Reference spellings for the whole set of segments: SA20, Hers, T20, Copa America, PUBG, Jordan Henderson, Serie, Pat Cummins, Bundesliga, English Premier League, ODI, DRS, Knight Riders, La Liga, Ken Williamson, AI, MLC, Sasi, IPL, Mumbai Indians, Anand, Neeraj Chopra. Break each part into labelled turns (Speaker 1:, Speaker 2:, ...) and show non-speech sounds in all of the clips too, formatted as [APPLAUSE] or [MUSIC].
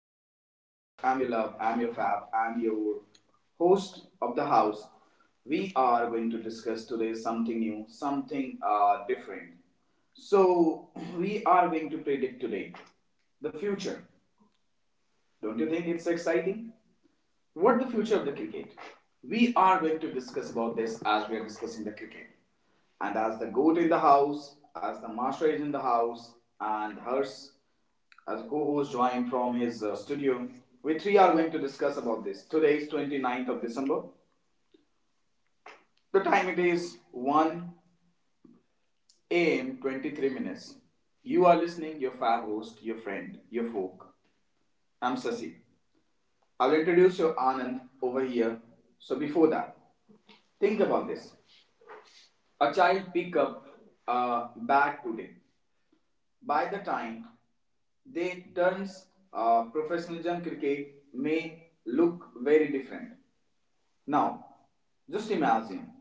Speaker 1: dear folks. I'm your love, I'm your fab, I'm your host of the house. We are going to discuss today something new, something different. So, [CLEARS THROAT] we are going to predict today the future. Don't you think it's exciting? What the future of the cricket? We are going to discuss about this as we are discussing the cricket. And as the goat in the house, as the master is in the house, and Hers as co-host joined from his studio, we three are going to discuss about this. Today is 29th of December. The time it is 1 a.m. 23 minutes. You are listening your fab host, your friend, your folk. I'm Sasi. I'll introduce your Anand over here. So before that, think about this. A child pick up a bat today. By the time they turns professionalism cricket may look very different. Now, just imagine.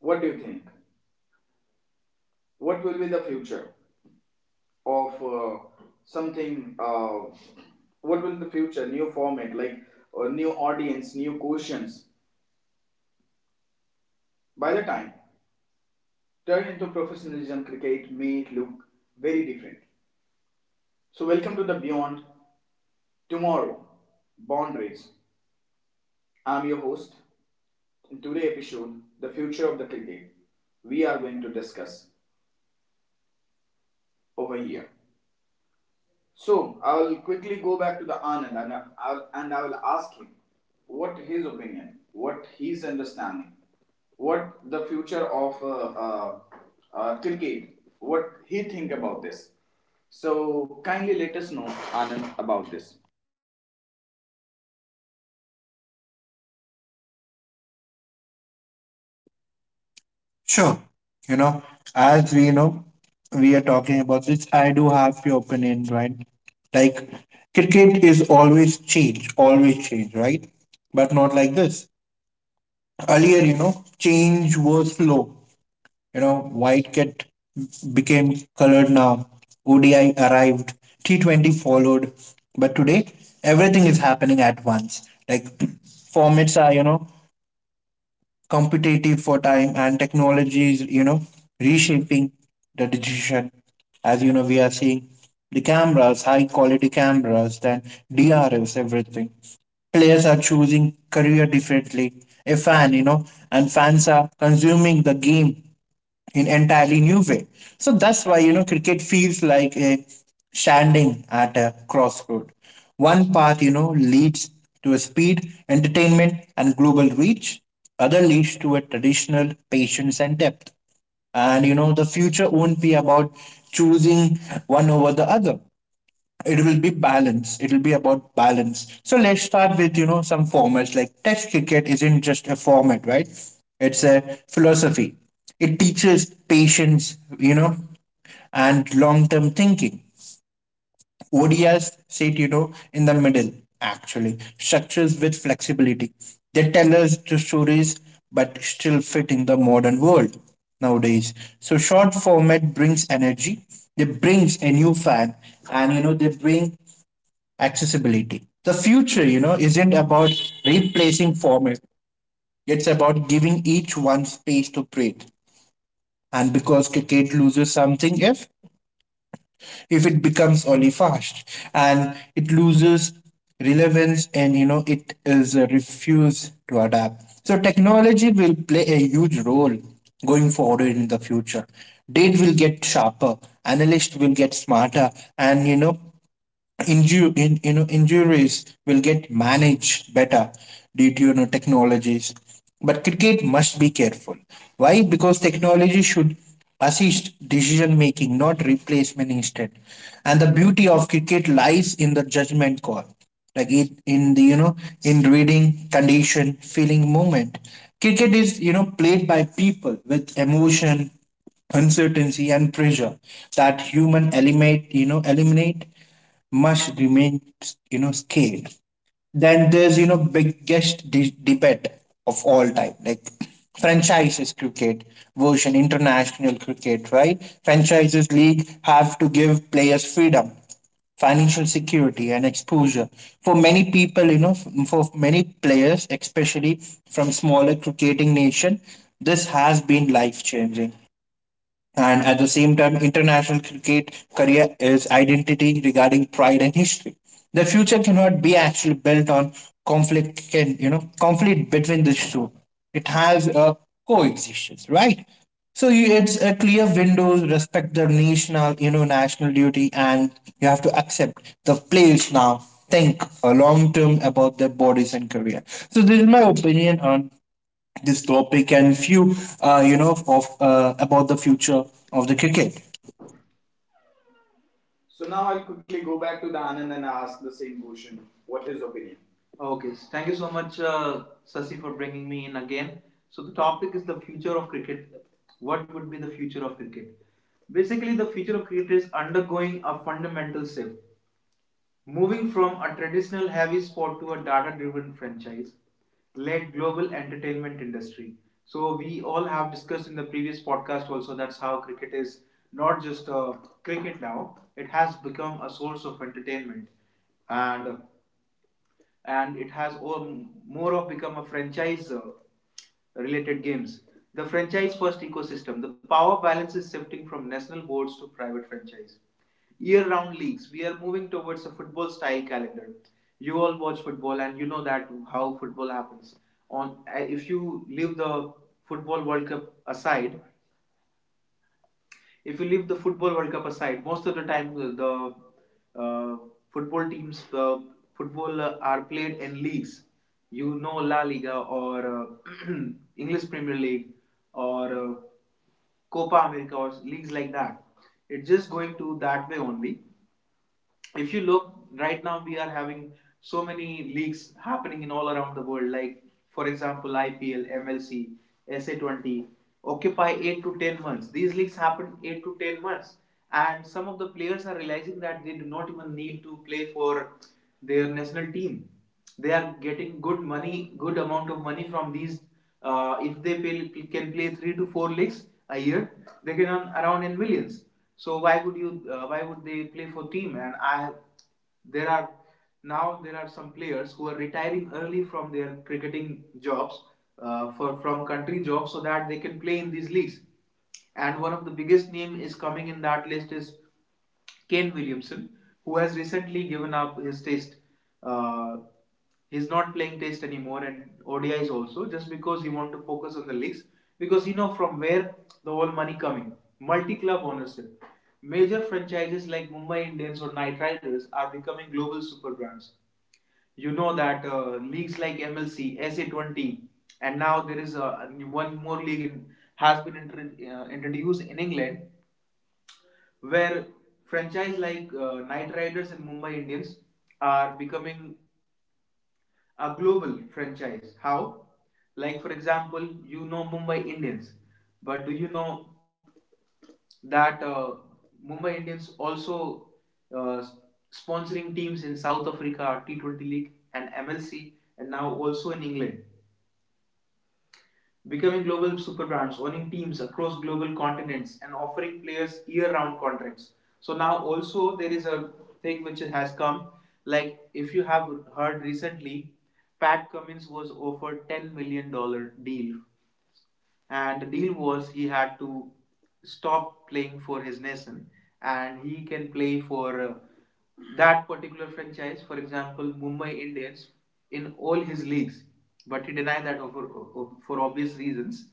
Speaker 1: What do you think? What will be the future of something? What will the future new format like new audience, new questions? By the time turn into professionalism cricket may look very different. So welcome to the Beyond Tomorrow, Bond Race. I'm your host. In today's episode, the future of the cricket, we are going to discuss over here. So I'll quickly go back to the Anand and I will ask him what his opinion, what his understanding, what the future of cricket, what he think about this. So kindly let us know Anand about this.
Speaker 2: Sure. You know, as we know, we are talking about this. I do have your opinion, right? Like, cricket is always change, right? But not like this. Earlier, change was slow. White kit became colored now. ODI arrived, T20 followed. But today, everything is happening at once. Like, [CLEARS THROAT] formats are, competitive for time, and technology is reshaping the decision, as you know, we are seeing the cameras, high quality cameras, then DRS, everything. Players are choosing career differently. A fan you know And fans are consuming the game in entirely new way. So that's why cricket feels like a standing at a crossroad. One path, you know, leads to a speed, entertainment, and global reach. Other leads to a traditional patience and depth. And you know the future won't be about choosing one over the other. It will be balance, it will be about balance. So let's start with, you know, some formats. Like, test cricket isn't just a format, right? It's a philosophy. It teaches patience, you know, and long-term thinking. ODIs sit, you know, in the middle, actually structures with flexibility. They tell us the stories but still fit in the modern world nowadays. So short format brings energy, they brings a new fan, and you know they bring accessibility. The future, you know, isn't about replacing format. It's about giving each one space to breathe. And because cricket loses something if it becomes only fast, and it loses relevance, and you know it is refused to adapt. So technology will play a huge role going forward in the future. Data will get sharper, analysts will get smarter, and you know you know injuries will get managed better due to you know technologies. But cricket must be careful. Why? Because technology should assist decision making, not replacement instead. And the beauty of cricket lies in the judgment call, like it, in the, you know, in reading condition, feeling moment. Cricket is, you know, played by people with emotion, uncertainty, and pressure. That human eliminate, you know eliminate must remain, you know, scaled. Then there's, you know, biggest debate of all time, like franchises cricket version international cricket, right? Franchises league have to give players freedom, financial security, and exposure. For many people, you know, for many players, especially from smaller cricketing nation, this has been life changing. And at the same time, international cricket career is identity regarding pride and history. The future cannot be actually built on conflict, conflict between the two. It has a coexistence, right? So you, it's a clear window. Respect the national, you know, national duty, and you have to accept the players now think long term about their bodies and career. So this is my opinion on this topic and few you know of about the future of the cricket.
Speaker 1: So now I'll quickly go back to the Anand and ask the same question. What is his opinion? Okay, so thank you so much, Sasi, for bringing me in again. So the topic is the future of cricket. What would be the future of cricket? Basically, the future of cricket is undergoing a fundamental shift. Moving from a traditional heavy sport to a data-driven franchise led global entertainment industry. So we all have discussed in the previous podcast also that's how cricket is not just a cricket now, it has become a source of entertainment and and it has all, more of become a franchise related games. The franchise first ecosystem. The power balance is shifting from national boards to private franchise. Year round leagues. We are moving towards a football style calendar. You all watch football and you know that how football happens. On if you leave the football World Cup aside, if you leave the football World Cup aside, most of the time the uh, football teams, the football are played in leagues. You know La Liga or uh, [CLEARS THROAT] English Premier League or Copa America or leagues like that. It's just going to that way only. If you look right now, we are having so many leagues happening in all around the world, like for example, IPL MLC SA20 occupy 8 to 10 months. These leagues happen 8 to 10 months. And some of the players are realizing that they do not even need to play for their national team. They are getting good money, good amount of money from these. If they pay, can play three to four leagues a year, they can earn around in millions. So why would you? Why would they play for team? And I, there are now there are some players who are retiring early from their cricketing jobs, for from country jobs, so that they can play in these leagues. And one of the biggest name is coming in that list is Ken Williamson, who has recently given up his test. Uh, he's not playing test anymore and ODIs also just because he wants to focus on the leagues because he know from where the whole money coming. Multi-club ownership. Major franchises like Mumbai Indians or Knight Riders are becoming global super brands. You know that leagues like MLC, SA20, and now there is one more league has been introduced in England where franchise like Knight Riders and Mumbai Indians are becoming a global franchise. How? Like for example, you know Mumbai Indians, but do you know that Mumbai Indians also uh, sponsoring teams in South Africa, T20 League and MLC, and now also in England, becoming global superbrands, owning teams across global continents, and offering players year-round contracts. So now also there is a thing which has come, like if you have heard recently, Pat Cummins was offered $10 million deal, and the deal was he had to stop playing for his nation and he can play for that particular franchise, for example, Mumbai Indians, in all his leagues, but he denied that for obvious reasons.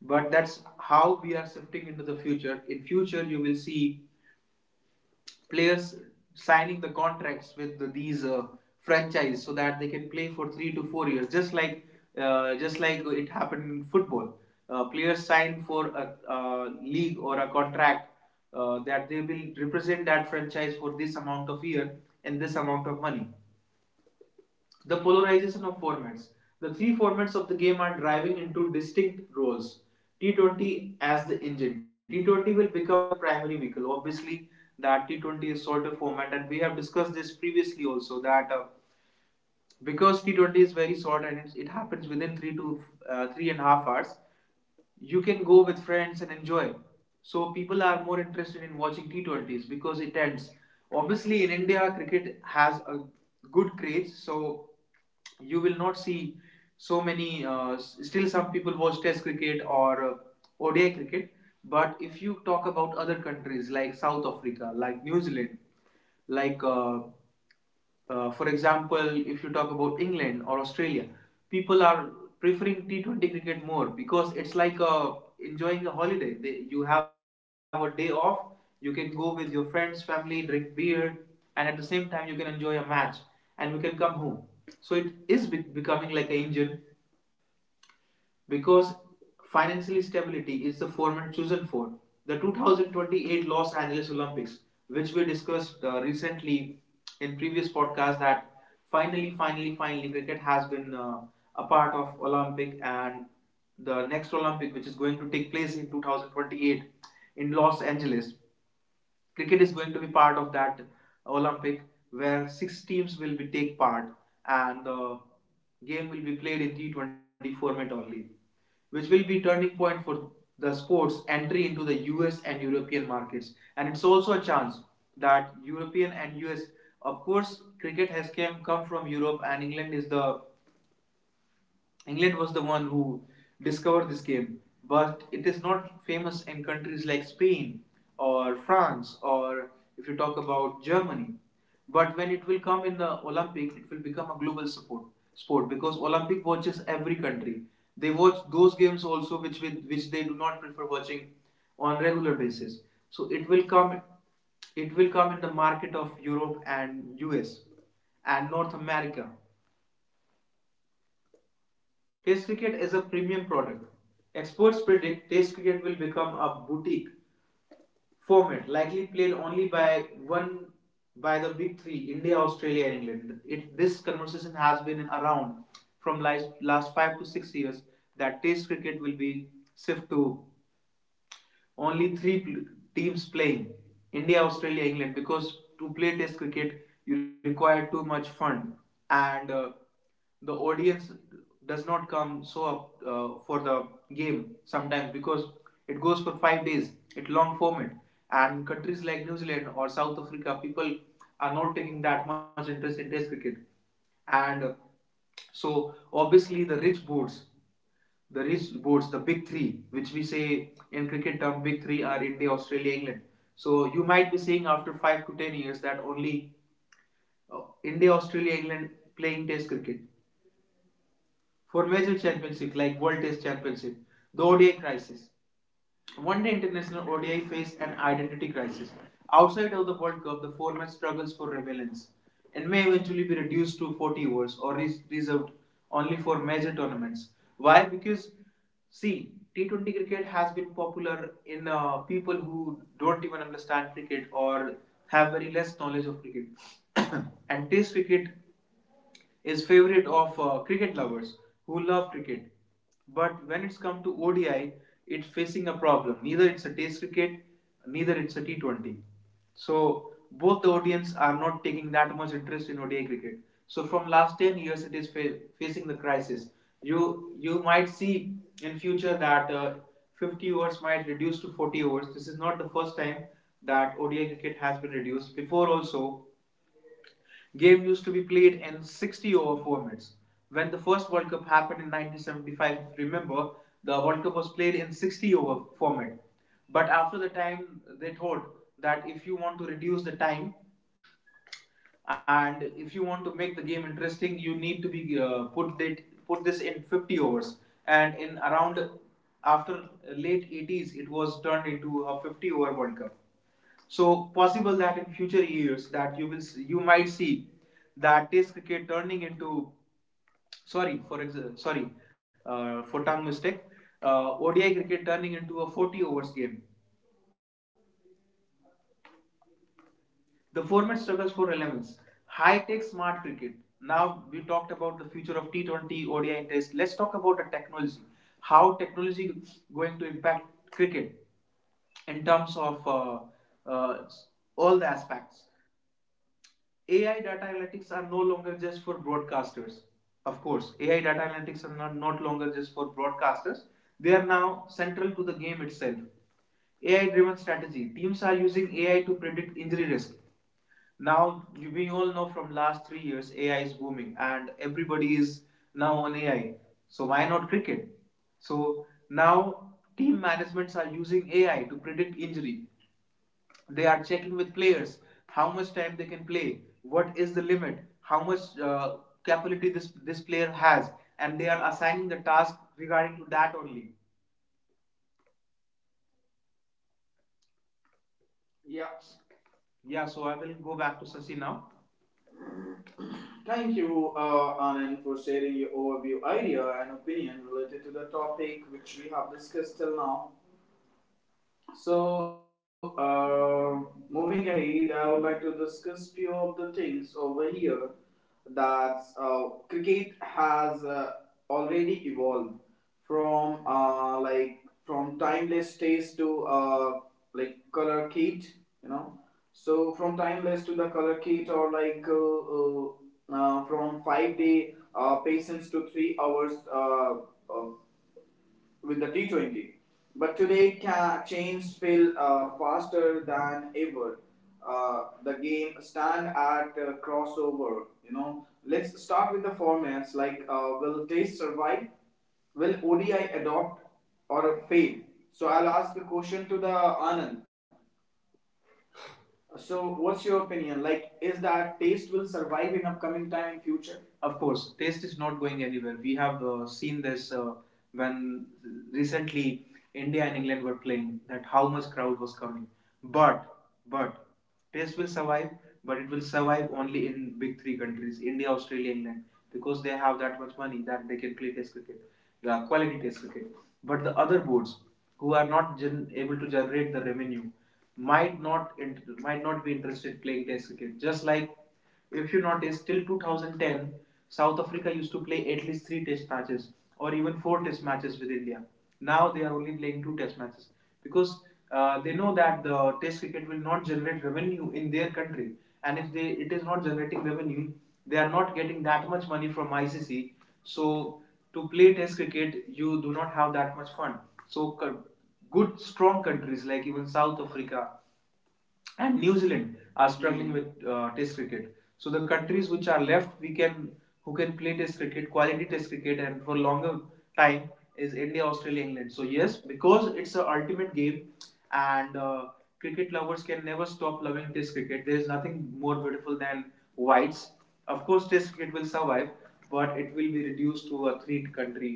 Speaker 1: But that's how we are shifting into the future. In future you will see players signing the contracts with these franchise so that they can play for 3 to 4 years, just like just like it happened in football. Players sign for a league or a contract that they will represent that franchise for this amount of year and this amount of money. The polarization of formats. The three formats of the game are driving into distinct roles. T20 as the engine. T20 will become the primary vehicle. Obviously, that T20 is shorter format, and we have discussed this previously also that because T20 is very short and it happens within 3.5 hours, you can go with friends and enjoy. So people are more interested in watching T20s because it ends. Obviously, in India, cricket has a good craze, so you will not see so many. Still, some people watch Test cricket or ODI cricket. But if you talk about other countries like South Africa, like New Zealand, like for example, if you talk about England or Australia, people are preferring T20 cricket more because it's like a enjoying a holiday. You have a day off, you can go with your friends, family, drink beer, and at the same time, you can enjoy a match and you can come home. So it is becoming like an engine because financial stability is the format chosen for. The 2028 Los Angeles Olympics, which we discussed recently in previous podcast, that finally, finally, finally, cricket has been a part of Olympic, and the next Olympic, which is going to take place in 2028 in Los Angeles, cricket is going to be part of that Olympic where six teams will be take part, and the game will be played in T20 format only, which will be turning point for the sports entry into the US and European markets. And it's also a chance that European and US, of course, cricket has came come from Europe, and England was the one who discovered this game, but it is not famous in countries like Spain or France, or if you talk about Germany. But when it will come in the Olympic, it will become a global support sport because Olympic watches every country. They watch those games also which with which they do not prefer watching on regular basis. So it will come in the market of Europe and US and North America. Test cricket is a premium product. Experts predict Test cricket will become a boutique format, likely played only by the big three: India, Australia, and England. This conversation has been around from last 5 to 6 years that Test cricket will be shift to only three teams playing: India, Australia, England. Because to play Test cricket, you require too much fund and the audience does not come so up for the game sometimes because it goes for 5 days, it long format, and countries like New Zealand or South Africa, people are not taking that much interest in Test cricket. And uh, so obviously, the rich boards, the big three, which we say in cricket term big three, are India, Australia, England. So you might be seeing after 5 to 10 years that only India, Australia, England playing Test cricket for major championship like World Test Championship. The ODI crisis. One day international ODI faced an identity crisis. Outside of the World Cup, the format struggles for relevance and may eventually be reduced to 40 overs or is reserved only for major tournaments. Why? Because see, T20 cricket has been popular in people who don't even understand cricket or have very less knowledge of cricket. [COUGHS] and Test cricket is favorite of cricket lovers who love cricket. But when it's come to ODI, it's facing a problem. Neither it's a Test cricket, neither it's a T20. So both the audience are not taking that much interest in ODI cricket. So from last 10 years, it is facing the crisis. You might see in future that 50 overs might reduce to 40 overs. This is not the first time that ODI cricket has been reduced. Before also, game used to be played in 60 over formats. When the first World Cup happened in 1975, remember, the World Cup was played in 60 over format. But after the time, they thought that if you want to reduce the time, and if you want to make the game interesting, you need to be, put this in 50 overs. And in around after late 80s, it was turned into a 50 over World Cup. So possible that in future years that you might see that Test cricket turning into, sorry for, sorry, for tongue mistake, ODI cricket turning into a 40 overs game. The format struggles for relevance. High tech smart cricket. Now we talked about the future of T20, ODI and Test. Let's talk about the technology. How technology is going to impact cricket in terms of, uh, all the aspects. AI data analytics are no longer just for broadcasters. Of course, AI data analytics are not, not longer just for broadcasters. They are now central to the game itself. AI driven strategy. Teams are using AI to predict injury risk. We all know from last 3 years AI is booming and everybody is now on AI. So why not cricket? So now team managements are using AI to predict injury. They are checking with players how much time they can play, what is the limit, how much capability this player has, and they are assigning the task regarding to that only. Yeah. Yeah. So I will go back to Sasi now. Thank you, Anand, for sharing your overview idea and opinion related to the topic which we have discussed till now. So, moving ahead, I would like to discuss few of the things over here that cricket has already evolved from, like, from timeless taste to, like, color kit, you know. So from timeless to the color kit, or like from 5 day patience to 3 hours, uh, with the T20. But today, chains fill faster than ever. The game stand at crossover. Let's start with the formats, like, will Test survive? Will ODI adopt or fail? So I'll ask a question to the Anand. So what's your opinion? Like, is that taste will survive in upcoming time in future? Of course, taste is not going anywhere. We have seen this when recently India and England were playing that how much crowd was coming. But but taste will survive, but it will survive only in big three countries: India, Australia, England, because they have that much money that they can play test cricket, quality test cricket. But the other boards who are not able to generate the revenue might not, might not be interested in playing test cricket. Just like if you notice, till 2010, South Africa used to play at least three test matches or even four test matches with India. Now they are only playing two test matches because they know that the test cricket will not generate revenue in their country, and if they it is not generating revenue, they are not getting that much money from ICC. So to play test cricket, you do not have that much fun. So good strong countries like even South Africa and New Zealand are struggling with Test cricket. So the countries which are left, we can who can play Test cricket, quality Test cricket, and for longer time is India, Australia, England. So yes, because it's a ultimate game, and cricket lovers can never stop loving Test cricket. There is nothing more beautiful than whites. Of course, Test cricket will survive, but it will be reduced to a three country,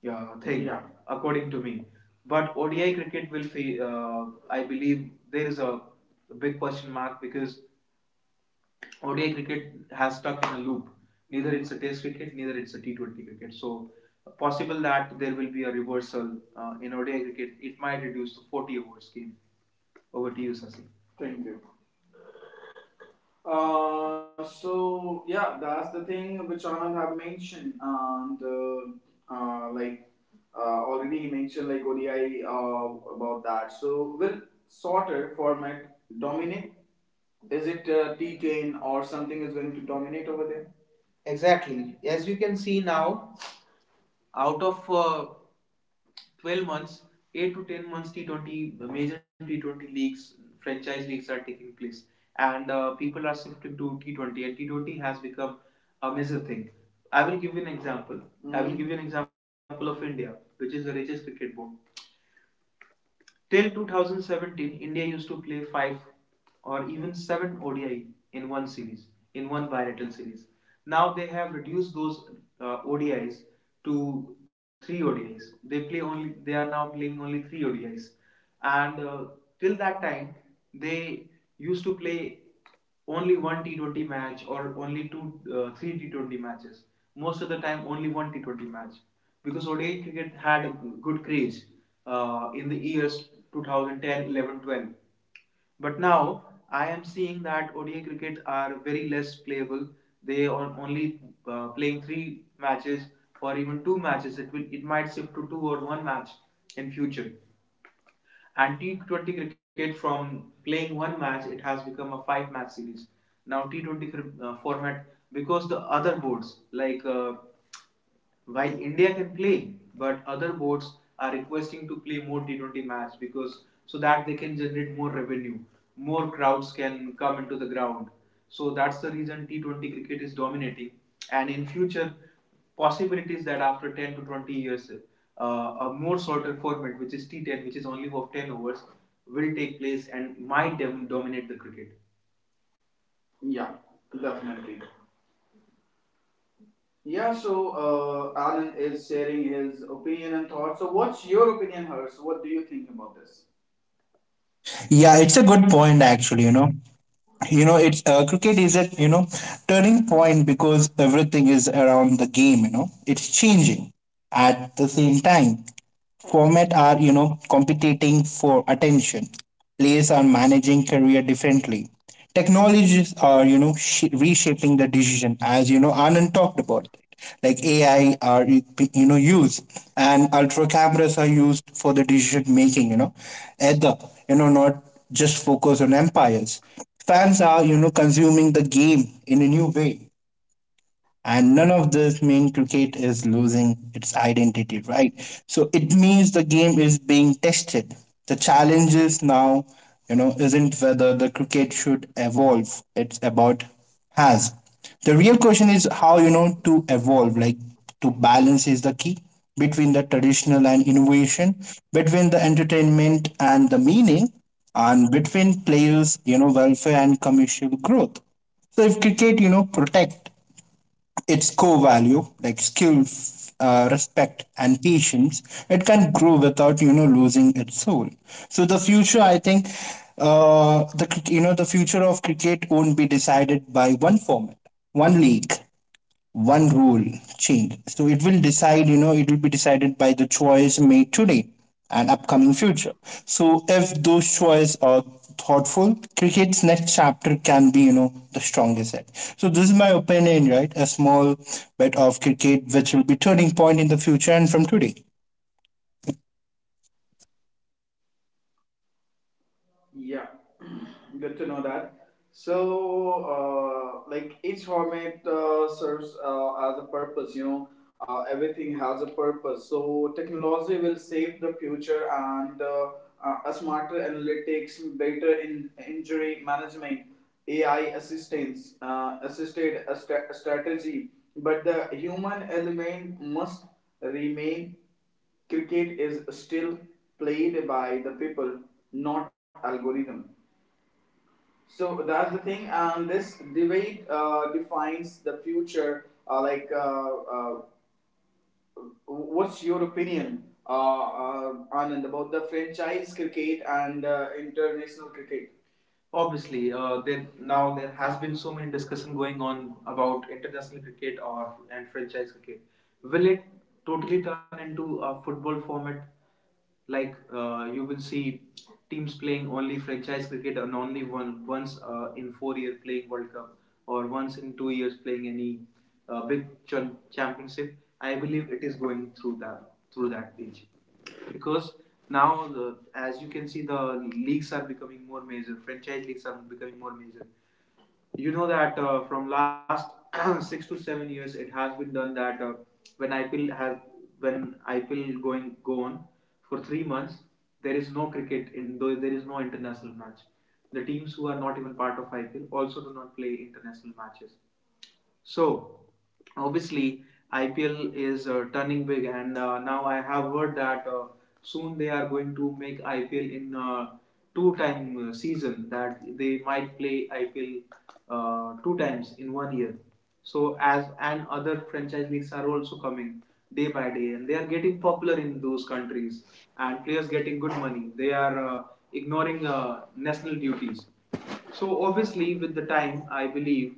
Speaker 1: yeah, thing, yeah, according to me. But ODI cricket will, I believe, there is a big question mark because ODI cricket has stuck in a loop. Neither it's a Test cricket, neither it's a T20 cricket. So possible that there will be a reversal in ODI cricket. It might reduce to 40 overs game. Over to you, Sasi. Thank you. So yeah, that's the thing which Anand have mentioned, and like, already he mentioned like ODI about that. So will sorter format dominate? Is it T10 or something is going to dominate over there? Exactly. As you can see now, out of 12 months, 8 to 10 months, T20, major T20 leagues, franchise leagues are taking place, and people are shifting to T20, and T20 has become a major thing. I will give you an example. Mm-hmm. I will give you an example of India, which is the richest cricket board. Till 2017, India used to play 5 or even 7 ODI in one series, in one bilateral series. Now they have reduced those ODIs to 3 ODIs. They are now playing only 3 ODIs. And till that time they used to play only one T20 match or only two, three T20 matches. Most of the time, only one T20 match because ODI cricket had a good craze in the years 2010, 11, 12. But now I am seeing that ODI cricket are very less playable. They are only playing three matches or even two matches. It might shift to two or one match in future. And T20 cricket, from playing one match, it has become a five match series. Now, T20 format, because the other boards like, while India can play, but other boards are requesting to play more T20 match because, so that they can generate more revenue, more crowds can come into the ground. So that's the reason T20 cricket is dominating. And in future, possibilities that after 10 to 20 years, a more shorter format, which is T10, which is only of 10 overs, will take place and might dominate the cricket. Yeah, definitely. Yeah, so Alan is sharing his opinion and thoughts. So, what's your opinion, Hers? What do you think about this?
Speaker 2: Yeah, it's a good point actually. You know, you know it's cricket is a, you know, turning point because everything is around the game, you know, it's changing at the same time. Format are, you know, competing for attention. Players are managing career differently. Technologies are, you know, reshaping the decision, as you know, Anand talked about. It. Like AI are, you know, used, and ultra cameras are used for the decision making, you know, either, you know, not just focus on empires. Fans are, you know, consuming the game in a new way, and none of this mean cricket is losing its identity, right? So it means the game is being tested. The challenge is now, you know, isn't whether the cricket should evolve. It's about has. The real question is how, you know, to evolve, like to balance is the key between the traditional and innovation, between the entertainment and the meaning, and between players, you know, welfare and commercial growth. So if cricket, you know, protect its core value like skill, respect, and patience, it can grow without, you know, losing its soul. So the future, I think, you know, the future of cricket won't be decided by one format, one league, one rule change. So it will decide, you know, it will be decided by the choice made today and upcoming future. So if those choices are thoughtful, cricket's next chapter can be, you know, the strongest yet. So this is my opinion, right? A small bit of cricket which will be turning point in the future and from today.
Speaker 1: Yeah, [CLEARS THROAT] good to know that. So, like, each format serves as a purpose, everything has a purpose. So, technology will save the future and, a smarter analytics, better in injury management, AI assistance, assisted a strategy. But the human element must remain. Cricket is still played by the people, not algorithm. So that's the thing, and this debate defines the future. Like, uh, what's your opinion, Anand, about the franchise cricket and international cricket? Obviously, there has been so many discussion going on about international cricket or and franchise cricket. Will it totally turn into a football format? Like, you will see teams playing only franchise cricket, and only one once in 4 years playing World Cup, or once in 2 years playing any big championship. I believe it is going through that, age, because now the, as you can see, the leagues are becoming more major, franchise leagues are becoming more major. You know that from last [CLEARS THROAT] 6 to 7 years it has been done that, when IPL has when IPL going go on for 3 months, there is no cricket in, though there is no international match, the teams who are not even part of IPL also do not play international matches. So obviously, IPL is turning big, and now I have heard that soon they are going to make IPL in two-time season. That they might play IPL two times in one year. So as and other franchise leagues are also coming day by day, and they are getting popular in those countries, and players getting good money. They are ignoring national duties. So obviously, with the time, I believe,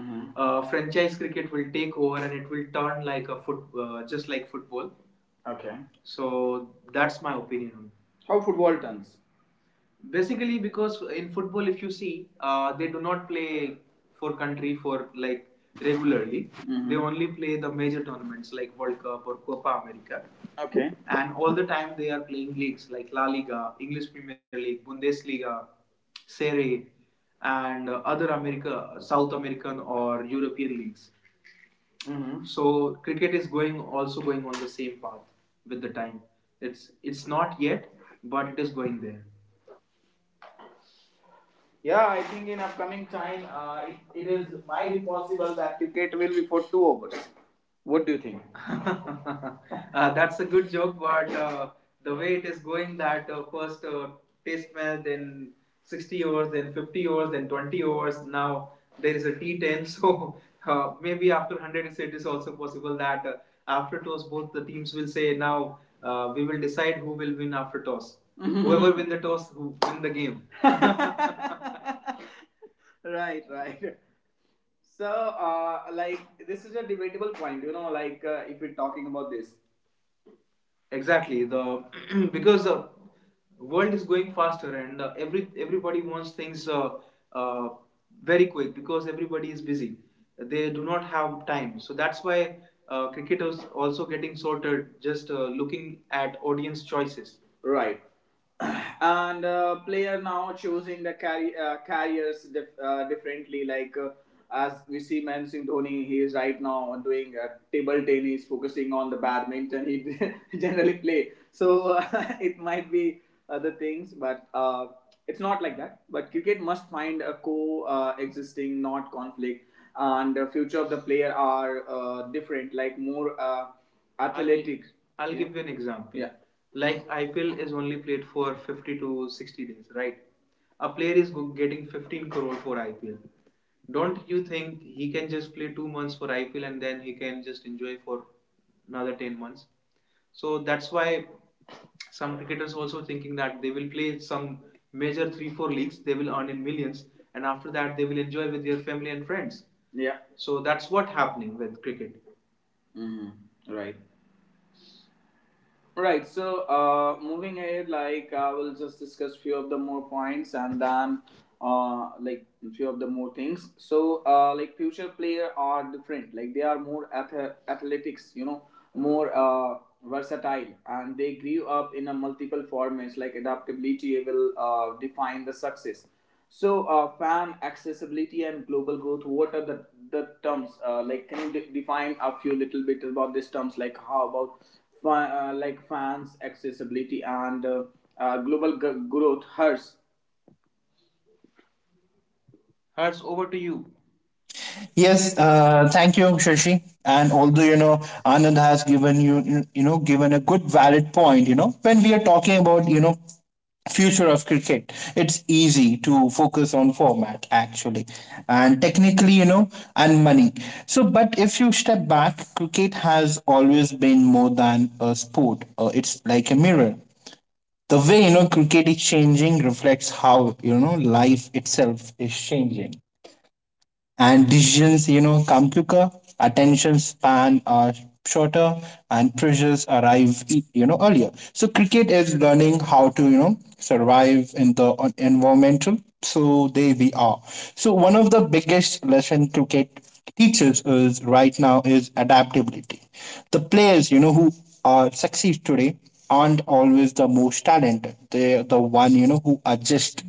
Speaker 1: Mhm. Franchise cricket will take over and it will turn like a foot, just like football. Okay. So that's my opinion on. How football turns? Basically, because in football, if you see, they do not play for country for, like, regularly. Mhm. They only play the major tournaments like World Cup or Copa America, okay, and all the time they are playing leagues like La Liga, English Premier League, Bundesliga, Serie, and other America, South American or European leagues. Mm-hmm. So cricket is going, also going on the same path with the time. It's not yet, but it is going there. Yeah, I think in upcoming time, it is might be possible that cricket will be for two overs. What do you think? [LAUGHS] That's a good joke, but the way it is going, that first test match, then 60 overs, then 50 overs, then 20 overs. Now there is a T10, [LAUGHS] so maybe after 100, also possible that after toss, both the teams will say, "Now we will decide who will win after toss. Mm-hmm. [LAUGHS] Whoever win the toss, who win the game." [LAUGHS] [LAUGHS] Right, right. So, this is a debatable point, if we're talking about this. Exactly. The [CLEARS THROAT] Because the world is going faster and everybody wants things uh, very quick because everybody is busy. They do not have time, so that's why cricket is also getting sorted. Just looking at audience choices. Right. [CLEARS THROAT] And player now choosing the carriers differently, like as we see Mansingh Dhoni, he is right now doing table tennis, focusing on the badminton he [LAUGHS] generally play. So [LAUGHS] it might be other things, but it's not like that, but cricket must find a co existing, not conflict, and the future of the player are different, like more athletic. I'll Yeah. give you an example. Yeah. Like IPL is only played for 50 to 60 days, right? A player is getting 15 crore for IPL. Don't you think he can just play 2 months for IPL and then he can just enjoy for another 10 months? So that's why some cricketers also thinking that they will play some major 3 4 leagues, they will earn in millions, and after that they will enjoy with their family and friends. Yeah. So that's what happening with cricket, hmm, right? Right. So moving ahead, like I will just discuss few of the more points and then uh, like few of the more things. So like future player are different. Like they are more athletics. You know, more versatile, and they grew up in a multiple formats. Like adaptability will define the success. So, FAM, accessibility, and global growth. What are the terms? Like, can you define a few little bit about these terms? Like, how about fans, accessibility, and global growth? Hertz, over to you.
Speaker 2: Yes, thank you, Shashi. And although, you know, Anand has given you, you know, given a good valid point. You know, when we are talking about, you know, future of cricket, it's easy to focus on format, actually, and technically, you know, and money. So but if you step back, cricket has always been more than a sport. It's like a mirror. The way, you know, cricket is changing reflects how, you know, life itself is changing. And decisions, you know, come quicker, attention span are shorter, and pressures arrive, you know, earlier. So cricket is learning how to, you know, survive in the environmental. So there we are. So one of the biggest lesson cricket teaches is right now is adaptability. The players, you know, who are succeed today aren't always the most talented. They're the one, you know, who adjust.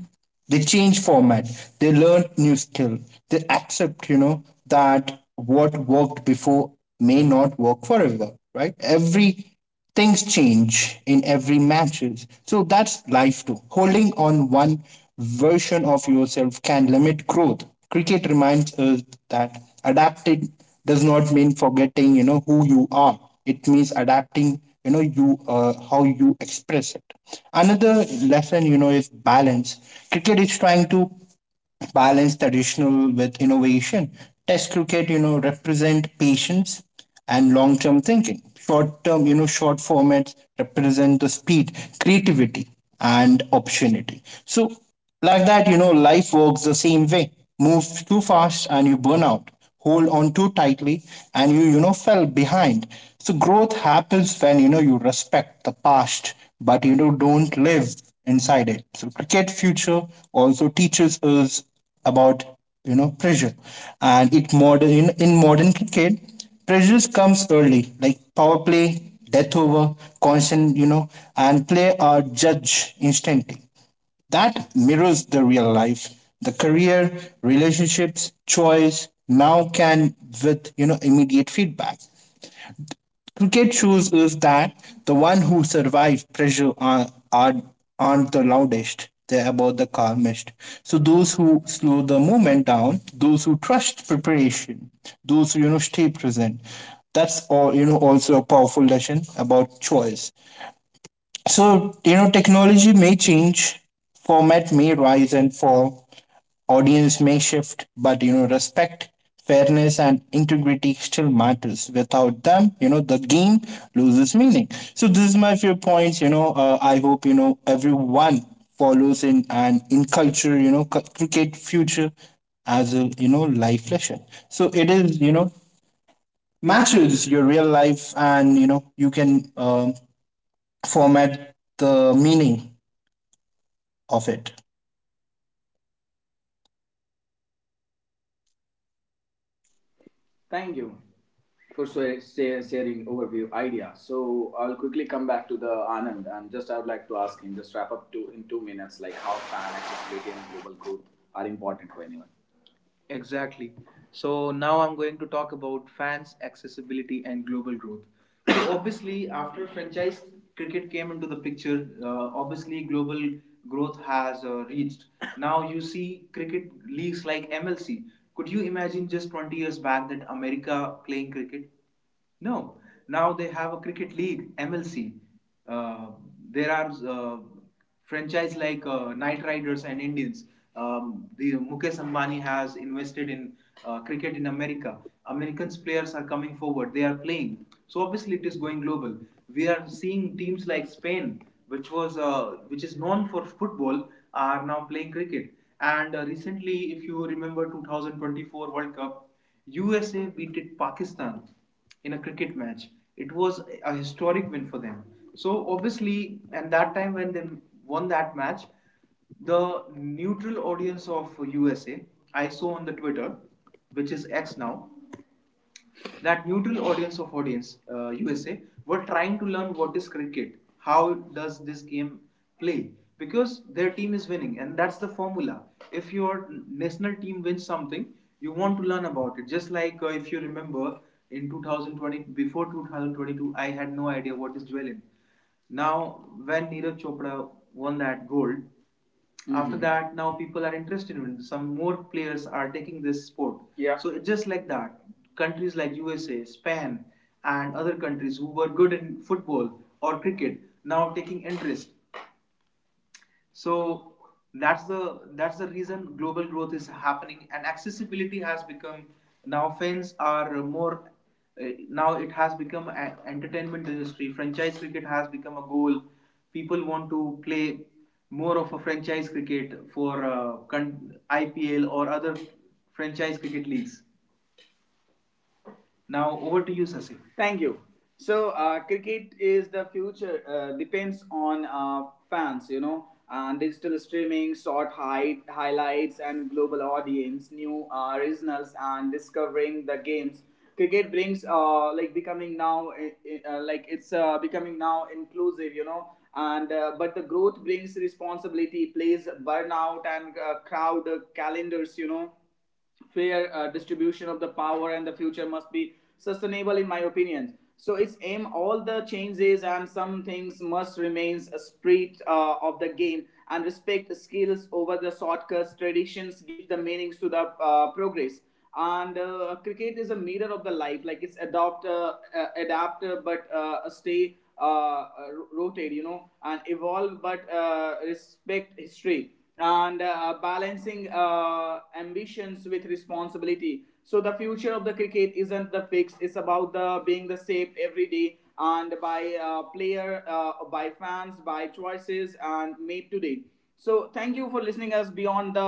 Speaker 2: They change format. They learn new skill. They accept, you know, that what worked before may not work forever, right? Every things change in every matches. So that's life too. Holding on one version of yourself can limit growth. Cricket reminds us that adapted does not mean forgetting, you know, who you are. It means adapting, you know, you, how you express it. Another lesson, you know, is balance. Cricket is trying to balance traditional with innovation. Test cricket, you know, represent patience and long-term thinking. Short-term, you know, short formats represent the speed, creativity, and opportunity. So, like that, you know, life works the same way. Move too fast and you burn out. Hold on too tightly and you know, fell behind. So growth happens when, you know, you respect the past, but you know don't live inside it. So cricket future also teaches us about, you know, pressure. And it modern in modern cricket, pressures comes early, like power play, death over, constant, you know, and play are judged instantly. That mirrors the real life. The career, relationships, choice now can with, you know, immediate feedback. Cricket shows us that the one who survive pressure are, aren't the loudest. They're about the calmest. So those who slow the movement down, those who trust preparation, those who, you know, stay present. That's all, you know, also a powerful lesson about choice. So you know technology may change, format may rise and fall, audience may shift, but you know, respect, fairness, and integrity still matters. Without them, you know, the game loses meaning. So this is my few points. You know, I hope, you know, everyone follows in and in culture. You know, cricket future as a, you know, life lesson. So it is, you know, matches your real life, and you know you can format the meaning of it.
Speaker 1: Thank you for sharing overview idea. So, I'll quickly come back to the Anand, and just I would like to ask him just wrap up to in 2 minutes, like how fan accessibility and global growth are important for anyone. Exactly. So now I'm going to talk about fans, accessibility, and global growth. So [COUGHS] obviously, after franchise cricket came into the picture, obviously global growth has reached. Now you see cricket leagues like MLC. Could you imagine just 20 years back that America playing cricket? No, now they have a cricket league, MLC. Uh, there are franchise like Knight Riders and Indians. The Mukesh Ambani has invested in cricket in America. Americans players are coming forward. They are playing. So obviously it is going global. We are seeing teams like Spain, which was which is known for football, are now playing cricket. And recently, if you remember 2024 World Cup, USA beat Pakistan in a cricket match. It was a historic win for them. So obviously, and that time when they won that match, the neutral audience of USA, I saw on the Twitter, which is X now, that neutral audience of audience USA were trying to learn what is cricket, how does this game play, because their team is winning, and that's the formula. If your national team wins something, you want to learn about it. Just like if you remember in 2020, before 2022, I had no idea what is dwelling. Now, when Neeraj Chopra won that gold, mm-hmm, after that, now people are interested in it. Some more players are taking this sport. Yeah. So it's just like that, countries like USA, Spain, and other countries who were good in football or cricket now taking interest. So that's the reason global growth is happening and accessibility has become. Now fans are more. Now it has become an entertainment industry. Franchise cricket has become a goal. People want to play more of a franchise cricket for IPL or other franchise cricket leagues. Now over to you, Sasi. Thank you. So cricket is the future. Depends on fans, you know, and digital streaming, short highlights, and global audience, new originals, and discovering the games. Cricket brings becoming now it's becoming now inclusive, you know, and but the growth brings responsibility, plays burnout and crowd calendars, you know, fair distribution of the power, and the future must be sustainable in my opinion. So its aim all the changes and some things must remains a spirit of the game, and respect skills over the shortcuts. Traditions give the meanings to the progress. And cricket is a mirror of the life, like it's adopt adapt, but stay rotate, you know, and evolve, but respect history, and balancing ambitions with responsibility. So the future of the cricket isn't the fix; it's about the being the shaped every day and by player, by fans, by choices and made today. So thank you for listening us beyond the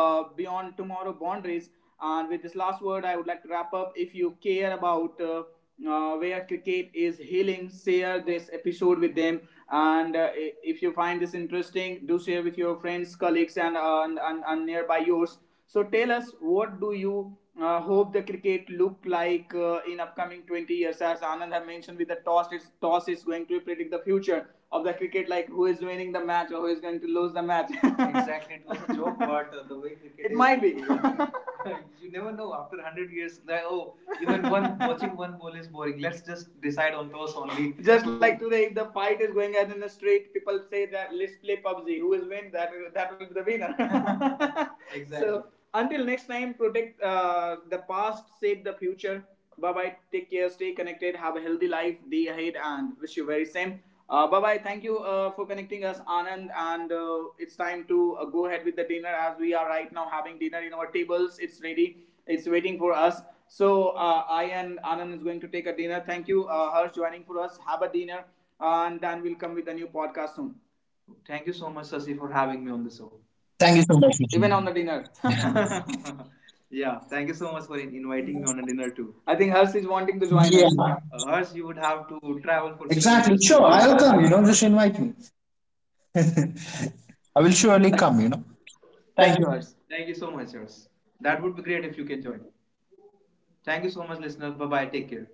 Speaker 1: beyond tomorrow boundaries. And with this last word, I would like to wrap up. If you care about where cricket is healing, share this episode with them. And if you find this interesting, do share with your friends, colleagues, and nearby yours. So tell us, what do you hope the cricket look like in upcoming 20 years? As Anand had mentioned, with the toss, toss is going to predict the future of the cricket, like who is winning the match or who is going to lose the match. [LAUGHS] Exactly, it was a joke, but the way cricket it might be. [LAUGHS] [LAUGHS] You never know, after 100 years like, oh, even one [LAUGHS] watching one bowl is boring, let's just decide on toss only. Just like today, if the fight is going on in the street, people say that let's play PUBG. Who will win? That will be the winner. [LAUGHS] [LAUGHS] Exactly. So until next time, protect the past, save the future. Bye bye. Take care. Stay connected. Have a healthy life. The ahead and wish you very same. Bye bye. Thank you for connecting us, Anand. And it's time to go ahead with the dinner as we are right now having dinner in our tables. It's ready. It's waiting for us. So I and Anand is going to take a dinner. Thank you, Harsh, joining for us. Have a dinner, and then we'll come with a new podcast soon. Thank you so much, Sasi, for having me on the show
Speaker 2: Thank you so much, Richard.
Speaker 1: even on the dinner. [LAUGHS] [LAUGHS] Yeah, thank you so much for inviting me on a dinner too. I think Harsh is wanting to join
Speaker 2: Yeah,
Speaker 1: us. Harsh, you would have to travel for
Speaker 2: exactly.
Speaker 1: kilometers
Speaker 2: Sure,
Speaker 1: to join
Speaker 2: I'll
Speaker 1: us.
Speaker 2: come, you know, just
Speaker 1: [LAUGHS]
Speaker 2: invite me. [LAUGHS] I will surely come, you know.
Speaker 1: [LAUGHS] Thank you,
Speaker 2: Thank you.
Speaker 1: Harsh. Thank you so much, Harsh. That would be great if you can join. Thank you so much, listeners. Bye bye. Take care.